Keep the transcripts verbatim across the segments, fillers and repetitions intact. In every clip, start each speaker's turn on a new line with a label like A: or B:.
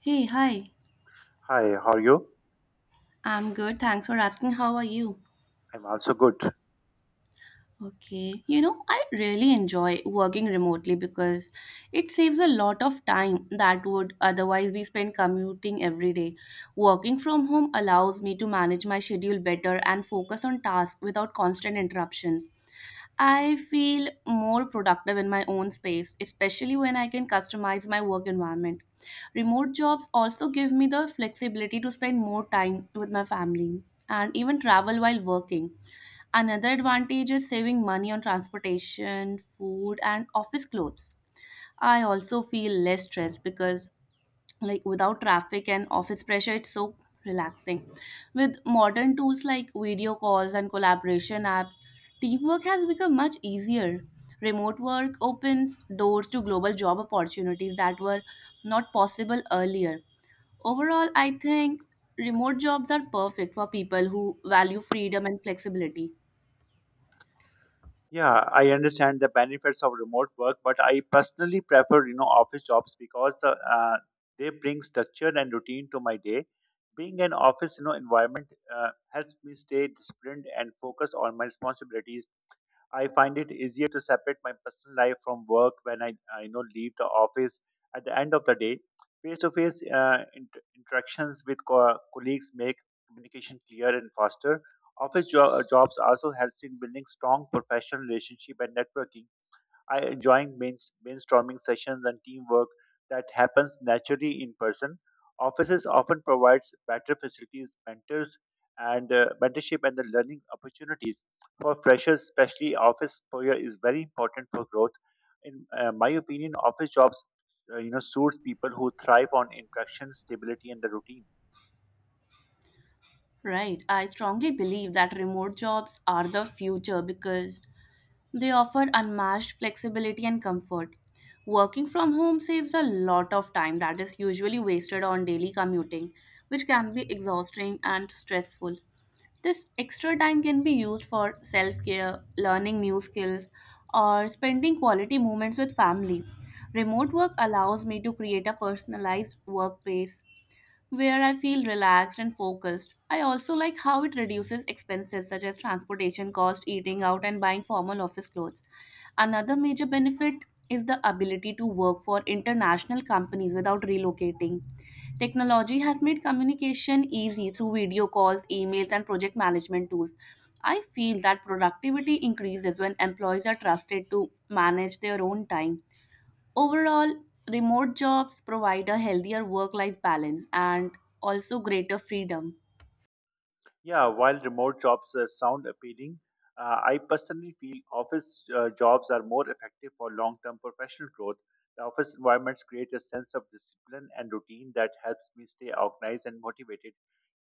A: Hey, hi.
B: Hi, how are you?
A: I'm good. Thanks for asking. How are you?
B: I'm also good.
A: Okay. You know, I really enjoy working remotely because it saves a lot of time that would otherwise be spent commuting every day. Working from home allows me to manage my schedule better and focus on tasks without constant interruptions. I feel more productive in my own space, especially when I can customize my work environment. Remote jobs also give me the flexibility to spend more time with my family and even travel while working. Another advantage is saving money on transportation, food, and office clothes. I also feel less stressed because like without traffic and office pressure it's so relaxing. With modern tools like video calls and collaboration apps, teamwork has become much easier. Remote work opens doors to global job opportunities that were not possible earlier. Overall I think remote jobs are perfect for people who value freedom and flexibility.
B: Yeah, I understand the benefits of remote work, but I personally prefer, you know, office jobs because the uh, they bring structure and routine to my day. Being an office, you know, environment uh, helps me stay disciplined and focus on my responsibilities. I find it easier to separate my personal life from work when I, I you know leave the office at the end of the day. Face-to-face uh, int- interactions with co- colleagues make communication clear and faster. Office jo- jobs also helps in building strong professional relationship and networking. I enjoying brains- brainstorming sessions and teamwork that happens naturally in person. Offices often provides better facilities, mentors, and uh, mentorship and the learning opportunities for freshers. Especially, office exposure is very important for growth. In uh, my opinion, office jobs uh, you know, suits people who thrive on interaction, stability, and the routine.
A: Right. I strongly believe that remote jobs are the future because they offer unmatched flexibility and comfort. Working from home saves a lot of time that is usually wasted on daily commuting, which can be exhausting and stressful. This extra time can be used for self care, learning new skills, or spending quality moments with family. Remote work allows me to create a personalized workplace where I feel relaxed and focused. I also like how it reduces expenses such as transportation cost, eating out, and buying formal office clothes. Another major benefit is the ability to work for international companies without relocating. Technology has made communication easy through video calls, emails, and project management tools. I feel that productivity increases when employees are trusted to manage their own time. Overall, remote jobs provide a healthier work life balance and also greater freedom.
B: Yeah, while remote jobs uh, sound appealing, uh, I personally feel office uh, jobs are more effective for long term professional growth. The office environments create a sense of discipline and routine that helps me stay organized and motivated.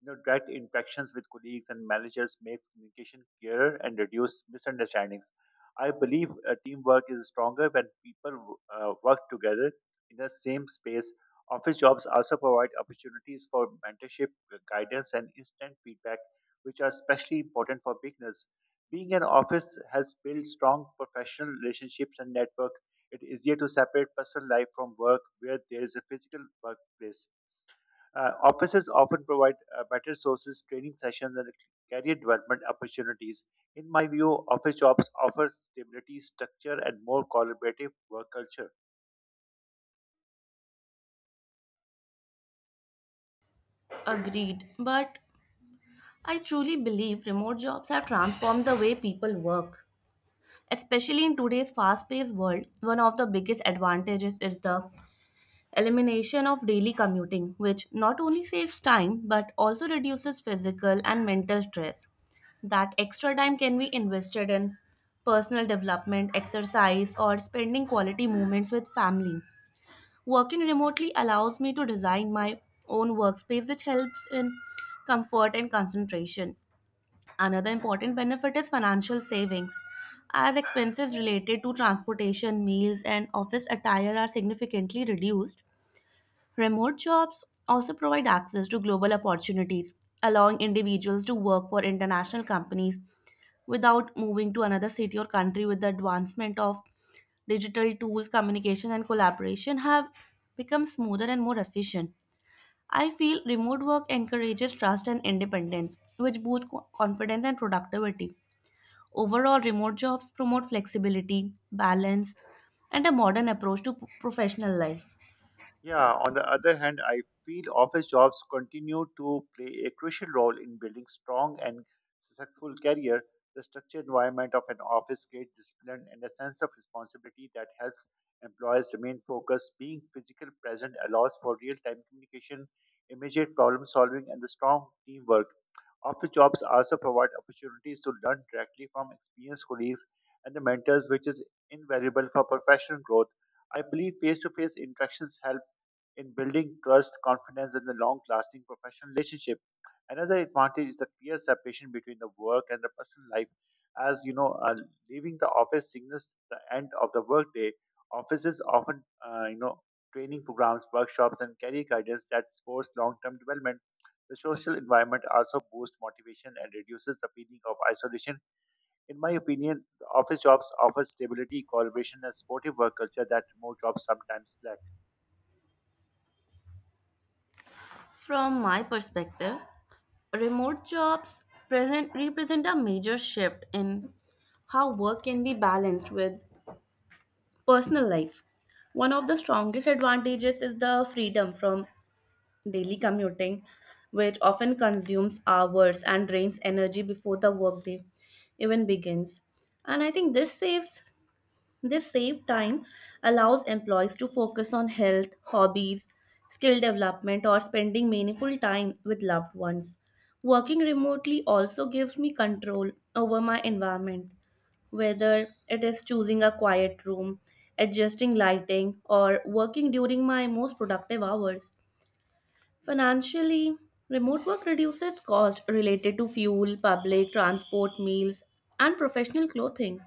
B: You know, direct interactions with colleagues and managers make communication clearer and reduce misunderstandings. I believe uh, teamwork is stronger when people uh, work together in the same space. Office jobs also provide opportunities for mentorship, guidance, and instant feedback which are especially important for beginners. Being an office has built strong professional relationships and network. It is easier to separate personal life from work where there is a physical workplace. Uh, offices often provide uh, better sources, training sessions, and career development opportunities. In my view, office jobs offer stability, structure, and more collaborative work culture.
A: Agreed. But I truly believe remote jobs have transformed the way people work. Especially in today's fast paced world, one of the biggest advantages is the elimination of daily commuting, which not only saves time but also reduces physical and mental stress. That extra time can be invested in personal development, exercise, or spending quality moments with family. Working remotely allows me to design my own workspace, which helps in comfort and concentration. Another important benefit is financial savings, as expenses related to transportation, meals, and office attire are significantly reduced. Remote jobs also provide access to global opportunities, allowing individuals to work for international companies without moving to another city or country with the advancement of digital tools, communication, and collaboration have become smoother and more efficient. I feel remote work encourages trust and independence, which boosts co- confidence and productivity. Overall, remote jobs promote flexibility, balance, and a modern approach to p- professional life.
B: Yeah, on the other hand, I feel office jobs continue to play a crucial role in building strong and successful career. The structured environment of an office creates discipline and a sense of responsibility that helps employees remain focused. Being physical present allows for real-time communication, immediate problem solving, and the strong teamwork. Office jobs also provide opportunities to learn directly from experienced colleagues and the mentors, which is invaluable for professional growth. I believe face-to-face interactions help in building trust, confidence, and the long lasting professional relationship. Another advantage is the clear separation between the work and the personal life. As you know, uh, leaving the office signals the end of the workday. Offices often, uh, you know, training programs, workshops, and career guidance that supports long term development. The social environment also boosts motivation and reduces the feeling of isolation. In my opinion, the office jobs offer stability, collaboration, and supportive work culture that remote jobs sometimes lack.
A: From my perspective, remote jobs present represent a major shift in how work can be balanced with personal life. One of the strongest advantages is the freedom from daily commuting, which often consumes hours and drains energy before the workday even begins. And I think this saves this saved time allows employees to focus on health, hobbies, skill development, or spending meaningful time with loved ones. Working remotely also gives me control over my environment, whether it is choosing a quiet room, adjusting lighting, or working during my most productive hours. Financially, remote work reduces costs related to fuel, public transport, meals, and professional clothing.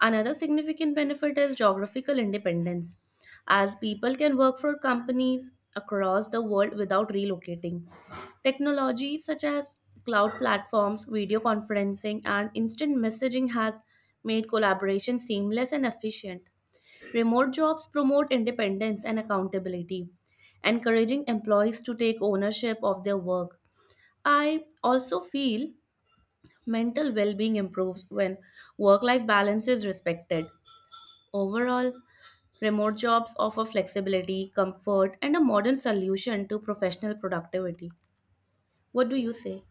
A: Another significant benefit is geographical independence, as people can work for companies across the world without relocating. Technology such as cloud platforms, video conferencing, and instant messaging has made collaboration seamless and efficient. Remote jobs promote independence and accountability, encouraging employees to take ownership of their work. I also feel mental well being improves when work life balance is respected. Overall, remote jobs offer flexibility, comfort, and a modern solution to professional productivity. What do you say?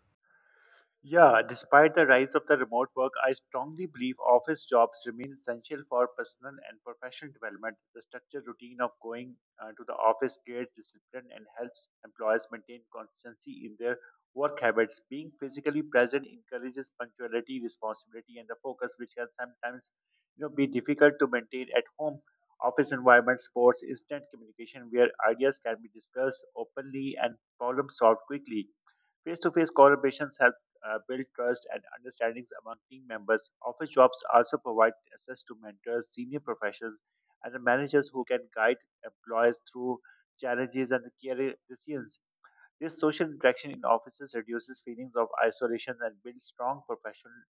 B: Yeah, despite the rise of the remote work, I strongly believe office jobs remain essential for personal and professional development. The structured routine of going uh, to the office creates discipline and helps employers maintain consistency in their work habits. Being physically present encourages punctuality, responsibility, and the focus, which can sometimes, you know, be difficult to maintain at home. Office environment supports instant communication where ideas can be discussed openly and problems solved quickly. Face to face collaborations help uh, build trust and understandings among team members. Office jobs also provide access to mentors, senior professionals, and the managers who can guide employees through challenges and career decisions. This social interaction in offices reduces feelings of isolation and builds strong professional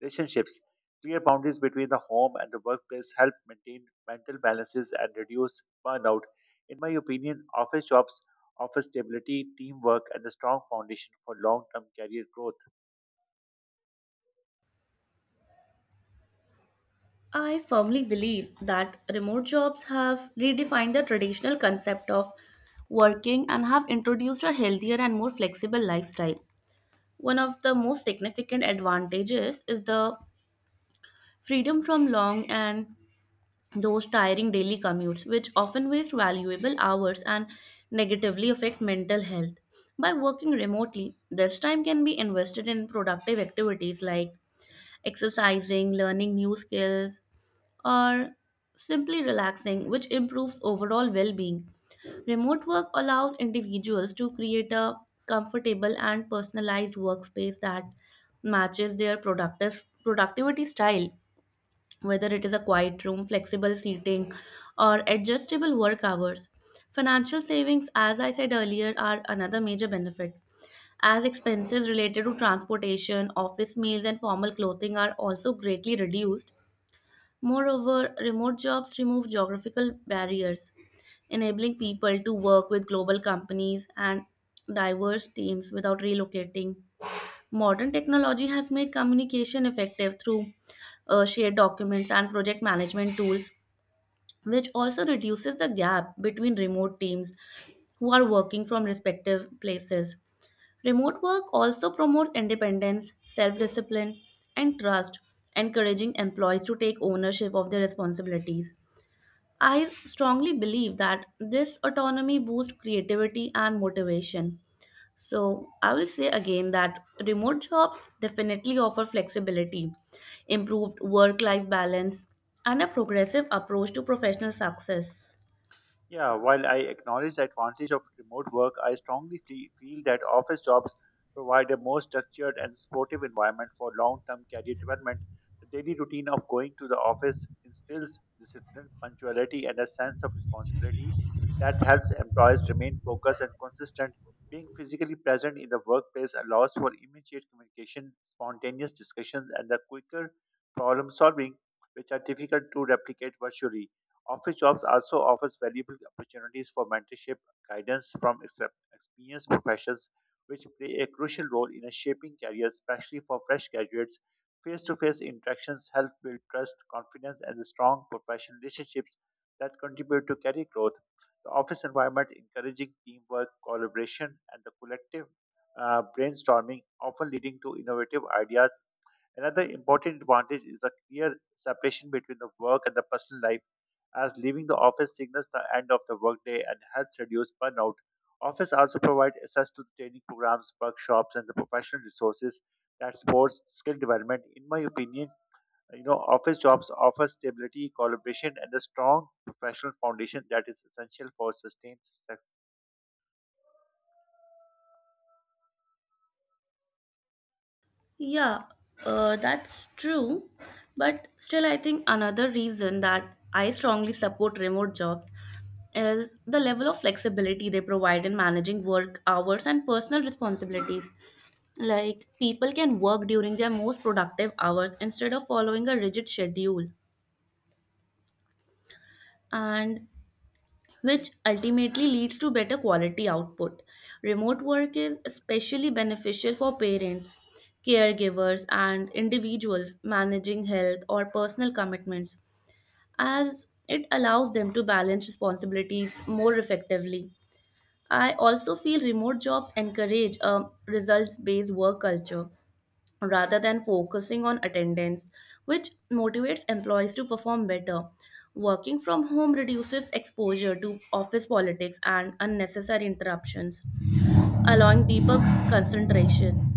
B: relationships. Clear boundaries between the home and the workplace help maintain mental balances and reduce burnout. In my opinion, office jobs offer stability, teamwork, and a strong foundation for long term career growth.
A: I firmly believe that remote jobs have redefined the traditional concept of working and have introduced a healthier and more flexible lifestyle. One of the most significant advantages is the freedom from long and those tiring daily commutes, which often waste valuable hours and negatively affect mental health. By working remotely, this time can be invested in productive activities like exercising, learning new skills, or simply relaxing, which improves overall well being. Remote work allows individuals to create a comfortable and personalized workspace that matches their productive productivity style, whether it is a quiet room, flexible seating, or adjustable work hours. Financial savings, as I said earlier, are another major benefit, as expenses related to transportation, office meals, and formal clothing are also greatly reduced. Moreover, remote jobs remove geographical barriers, enabling people to work with global companies and diverse teams without relocating. Modern technology has made communication effective through uh, shared documents and project management tools, which also reduces the gap between remote teams who are working from respective places. Remote work also promotes independence, self discipline, and trust, encouraging employees to take ownership of their responsibilities. I strongly believe that this autonomy boosts creativity and motivation. So, I will say again that remote jobs definitely offer flexibility, improved work life balance, and a progressive approach to professional success.
B: Yeah, while I acknowledge the advantage of remote work, I strongly fe- feel that office jobs provide a more structured and supportive environment for long term career development. The daily routine of going to the office instills discipline, punctuality, and a sense of responsibility that helps employees remain focused and consistent. Being physically present in the workplace allows for immediate communication, spontaneous discussions, and the quicker problem solving, which are difficult to replicate virtually. Office jobs also offers valuable opportunities for mentorship, guidance from excep- experienced professionals, which play a crucial role in shaping careers, especially for fresh graduates. Face-to-face interactions help build trust, confidence, and strong professional relationships that contribute to career growth. The office environment encouraging teamwork, collaboration, and the collective uh, brainstorming, often leading to innovative ideas. Another important advantage is a clear separation between the work and the personal life, as leaving the office signals the end of the workday and helps reduce burnout. Office also provide access to the training programs, workshops, and the professional resources that supports skill development. In my opinion, you know, office jobs offer stability, collaboration, and a strong professional foundation that is essential for sustained success.
A: Yeah, uh, that's true. But still, I think another reason that I strongly support remote jobs is the level of flexibility they provide in managing work hours and personal responsibilities. Like, people can work during their most productive hours instead of following a rigid schedule. And which ultimately leads to better quality output. Remote work is especially beneficial for parents, caregivers, and individuals managing health or personal commitments, as it allows them to balance responsibilities more effectively. I also feel remote jobs encourage a results based work culture rather than focusing on attendance, which motivates employees to perform better. Working from home reduces exposure to office politics and unnecessary interruptions, allowing deeper concentration.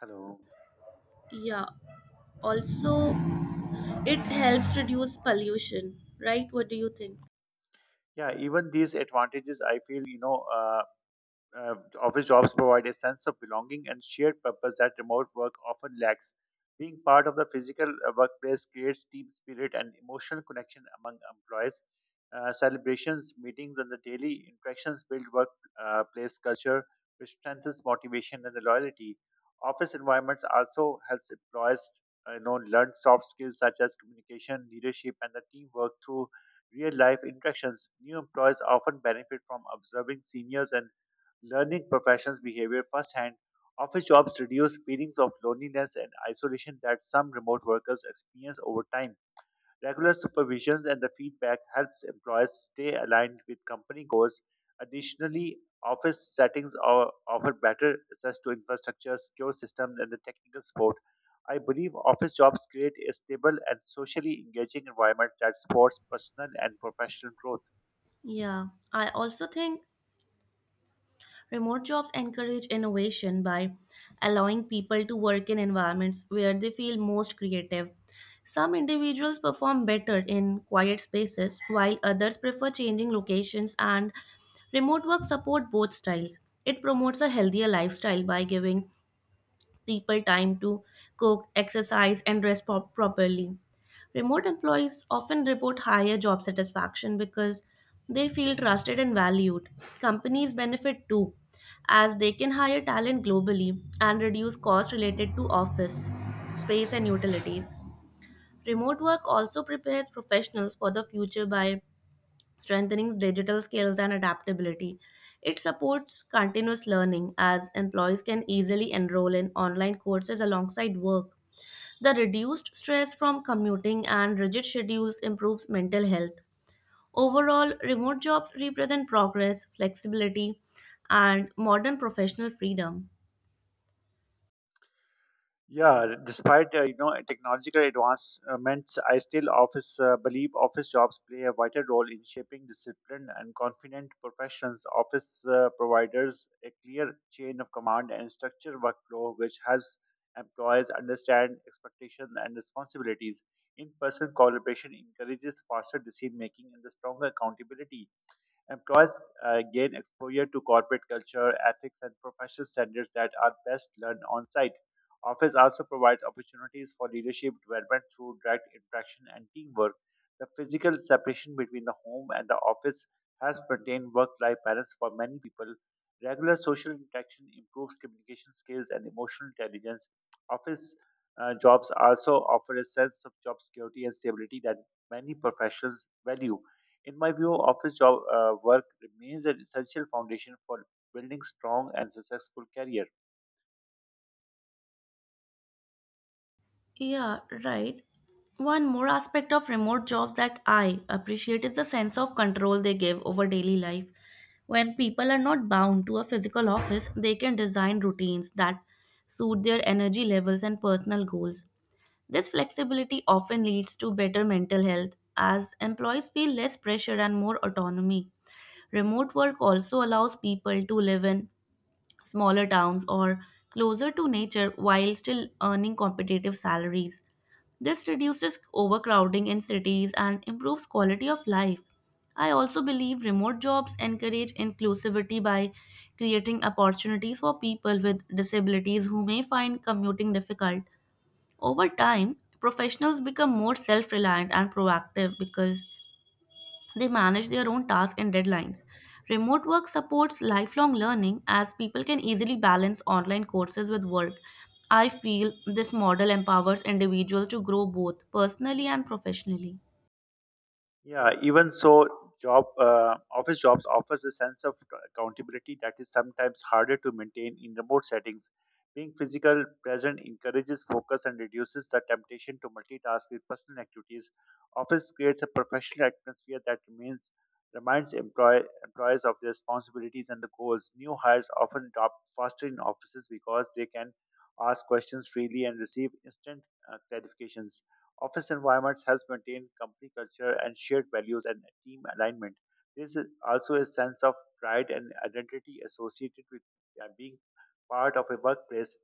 B: Hello.
A: Yeah, also, it helps reduce pollution, right? What do you think?
B: Yeah, even these advantages, I feel, you know, uh, uh, office jobs provide a sense of belonging and shared purpose that remote work often lacks. Being part of the physical uh, workplace creates team spirit and emotional connection among employees. Uh, celebrations, meetings, and the daily interactions build workplace culture, which strengthens motivation and the loyalty. Office environments also helps employees uh, you know, learn soft skills such as communication, leadership, and the teamwork through real-life interactions. New employees often benefit from observing seniors and learning professionals' behavior firsthand. Office jobs reduce feelings of loneliness and isolation that some remote workers experience over time. Regular supervisions and the feedback helps employers stay aligned with company goals. Additionally, office settings are, offer better access to infrastructure, secure systems, and the technical support. I believe office jobs create a stable and socially engaging environment that supports personal and professional growth.
A: Yeah, I also think remote jobs encourage innovation by allowing people to work in environments where they feel most creative. Some individuals perform better in quiet spaces, while others prefer changing locations, and remote work support both styles. It promotes a healthier lifestyle by giving people time to cook, exercise, and rest prop- properly. Remote employees often report higher job satisfaction because they feel trusted and valued. Companies benefit too, as they can hire talent globally and reduce costs related to office space and utilities. Remote work also prepares professionals for the future by strengthening digital skills and adaptability. It supports continuous learning as employees can easily enroll in online courses alongside work. The reduced stress from commuting and rigid schedules improves mental health. Overall, remote jobs represent progress, flexibility, and modern professional freedom.
B: Yeah, despite uh, you know technological advancements, I still office uh, believe office jobs play a vital role in shaping disciplined and confident professions. Office uh, providers a clear chain of command and structured workflow, which helps employees understand expectations and responsibilities. In-person collaboration encourages faster decision making and the stronger accountability. Employees uh, gain exposure to corporate culture, ethics, and professional standards that are best learned on site. Office also provides opportunities for leadership development through direct interaction and teamwork. The physical separation between the home and the office has maintained work life balance for many people. Regular social interaction improves communication skills and emotional intelligence. Office uh, jobs also offer a sense of job security and stability that many professions value. In my view, office job uh, work remains an essential foundation for building strong and successful career.
A: Yeah, right. One more aspect of remote jobs that I appreciate is the sense of control they give over daily life. When people are not bound to a physical office, they can design routines that suit their energy levels and personal goals. This flexibility often leads to better mental health as employees feel less pressure and more autonomy. Remote work also allows people to live in smaller towns or closer to nature while still earning competitive salaries. This reduces overcrowding in cities and improves quality of life. I also believe remote jobs encourage inclusivity by creating opportunities for people with disabilities who may find commuting difficult. Over time, professionals become more self reliant and proactive because they manage their own tasks and deadlines. Remote work supports lifelong learning as people can easily balance online courses with work. I feel this model empowers individuals to grow both personally and professionally.
B: Yeah, even so, job uh, office jobs offers a sense of accountability that is sometimes harder to maintain in remote settings. Being physical present encourages focus and reduces the temptation to multitask with personal activities. Office creates a professional atmosphere that remains reminds employ, employees of their responsibilities and the goals. New hires often adopt faster in offices because they can ask questions freely and receive instant uh, clarifications. Office environments helps maintain company culture and shared values and team alignment. There is also a sense of pride and identity associated with uh, being part of a workplace.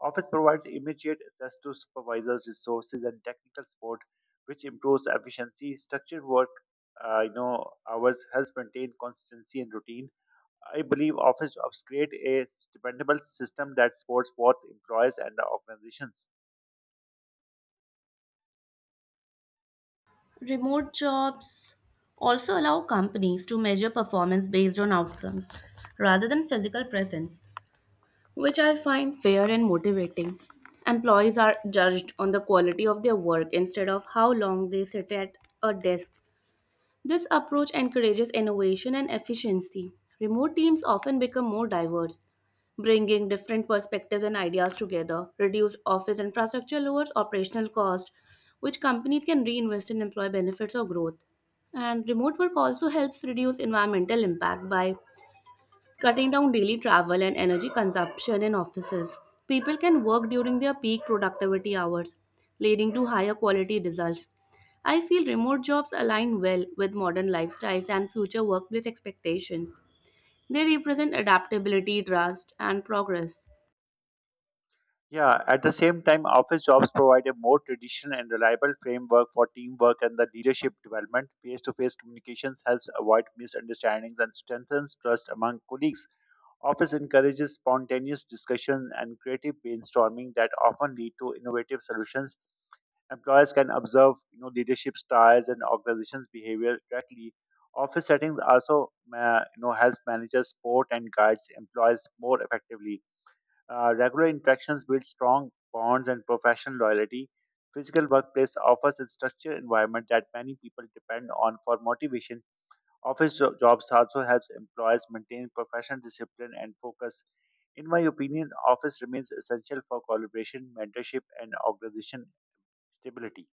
B: Office provides immediate access to supervisors, resources, and technical support, which improves efficiency. Structured work, uh, you know, hours helps maintain consistency and routine. I believe office jobs create a dependable system that supports both employees and the organizations.
A: Remote jobs also allow companies to measure performance based on outcomes rather than physical presence, which I find fair and motivating. Employees are judged on the quality of their work instead of how long they sit at a desk. This approach encourages innovation and efficiency. Remote teams often become more diverse, bringing different perspectives and ideas together. Reduced office infrastructure, lowers operational cost, which companies can reinvest in employee benefits or growth. And remote work also helps reduce environmental impact by cutting down daily travel and energy consumption in offices. People can work during their peak productivity hours, leading to higher quality results. I feel remote jobs align well with modern lifestyles and future workplace expectations. They represent adaptability, trust, and progress.
B: Yeah, at the same time, office jobs provide a more traditional and reliable framework for teamwork and the leadership development. Face to face communications helps avoid misunderstandings and strengthens trust among colleagues. Office encourages spontaneous discussion and creative brainstorming that often lead to innovative solutions. Employers can observe you know, leadership styles and organizations' behavior directly. Office settings also uh, you know, helps managers support and guides employees more effectively. Uh, regular interactions build strong bonds and professional loyalty. Physical workplace offers a structured environment that many people depend on for motivation. Office jo- jobs also helps employees maintain professional discipline and focus. In my opinion, office remains essential for collaboration, mentorship, and organization stability.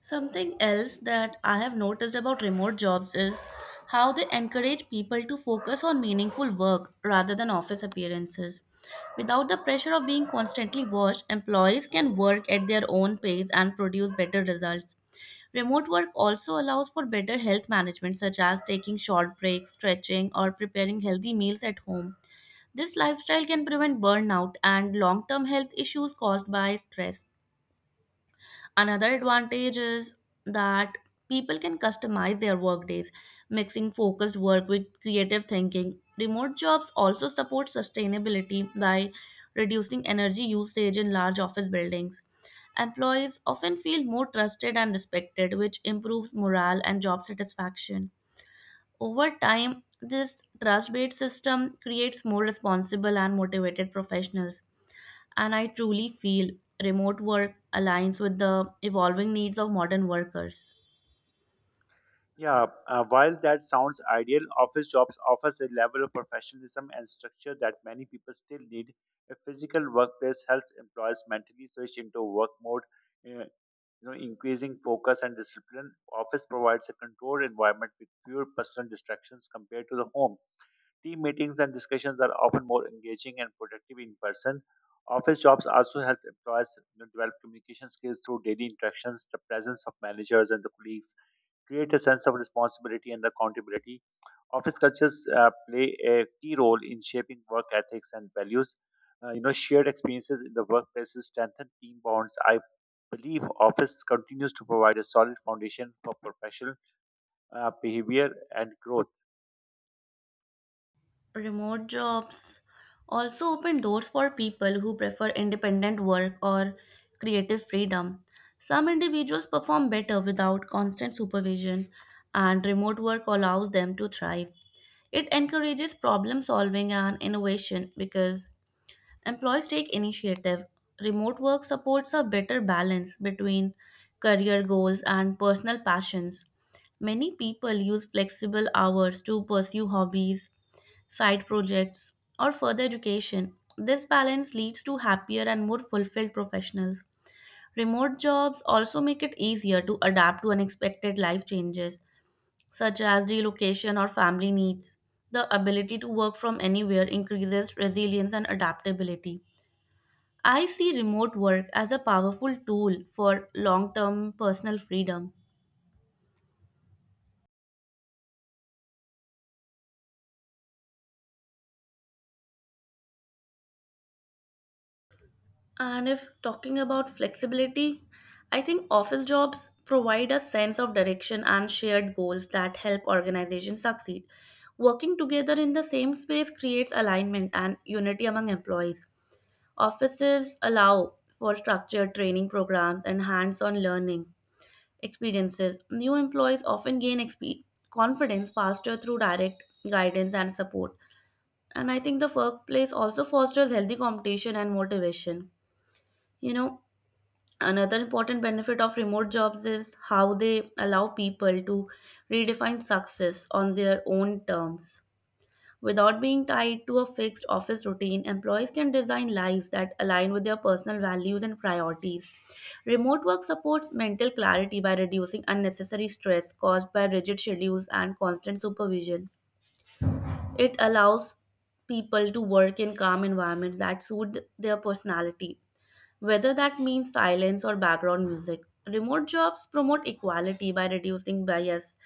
A: Something else that I have noticed about remote jobs is how they encourage people to focus on meaningful work rather than office appearances. Without the pressure of being constantly watched, employees can work at their own pace and produce better results. Remote work also allows for better health management, such as taking short breaks, stretching, or preparing healthy meals at home. This lifestyle can prevent burnout and long term health issues caused by stress. Another advantage is that people can customize their workdays, mixing focused work with creative thinking. Remote jobs also support sustainability by reducing energy usage in large office buildings. Employees often feel more trusted and respected, which improves morale and job satisfaction. Over time, this trust based system creates more responsible and motivated professionals. And I truly feel remote work aligns with the evolving needs of modern workers.
B: Yeah, uh, while that sounds ideal, office jobs offers a level of professionalism and structure that many people still need. A physical workplace helps employees mentally switch into work mode, uh, you know, increasing focus and discipline. Office provides a controlled environment with fewer personal distractions compared to the home. Team meetings and discussions are often more engaging and productive in person. Office jobs also help employees you know, develop communication skills through daily interactions, the presence of managers and the colleagues create a sense of responsibility and accountability. Office cultures uh, play a key role in shaping work ethics and values. Uh, you know, shared experiences in the workplaces strengthen team bonds. I believe office continues to provide a solid foundation for professional uh, behavior and growth.
A: Remote jobs also open doors for people who prefer independent work or creative freedom. Some individuals perform better without constant supervision, and remote work allows them to thrive. It encourages problem solving and innovation because employees take initiative. Remote work supports a better balance between career goals and personal passions. Many people use flexible hours to pursue hobbies, side projects, or further education. This balance leads to happier and more fulfilled professionals. Remote jobs also make it easier to adapt to unexpected life changes, such as relocation or family needs. The ability to work from anywhere increases resilience and adaptability. I see remote work as a powerful tool for long term personal freedom. And if talking about flexibility, I think office jobs provide a sense of direction and shared goals that help organizations succeed. Working together in the same space creates alignment and unity among employees. Offices allow for structured training programs and hands on learning experiences. New employees often gain exp- confidence faster through direct guidance and support. And I think the workplace also fosters healthy competition and motivation. You know, another important benefit of remote jobs is how they allow people to redefine success on their own terms. Without being tied to a fixed office routine, employees can design lives that align with their personal values and priorities. Remote work supports mental clarity by reducing unnecessary stress caused by rigid schedules and constant supervision. It allows people to work in calm environments that suit their personality, whether that means silence or background music. Remote jobs promote equality by reducing bias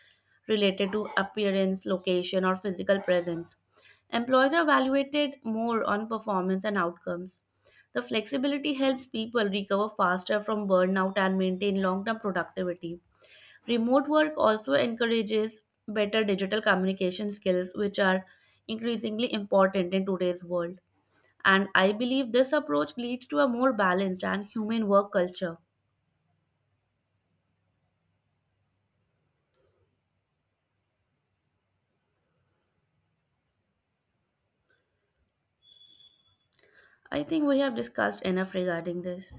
A: related to appearance, location, or physical presence. Employees are evaluated more on performance and outcomes. The flexibility helps people recover faster from burnout and maintain long term productivity. Remote work also encourages better digital communication skills, which are increasingly important in today's world. And I believe this approach leads to a more balanced and human work culture. I think we have discussed enough regarding this.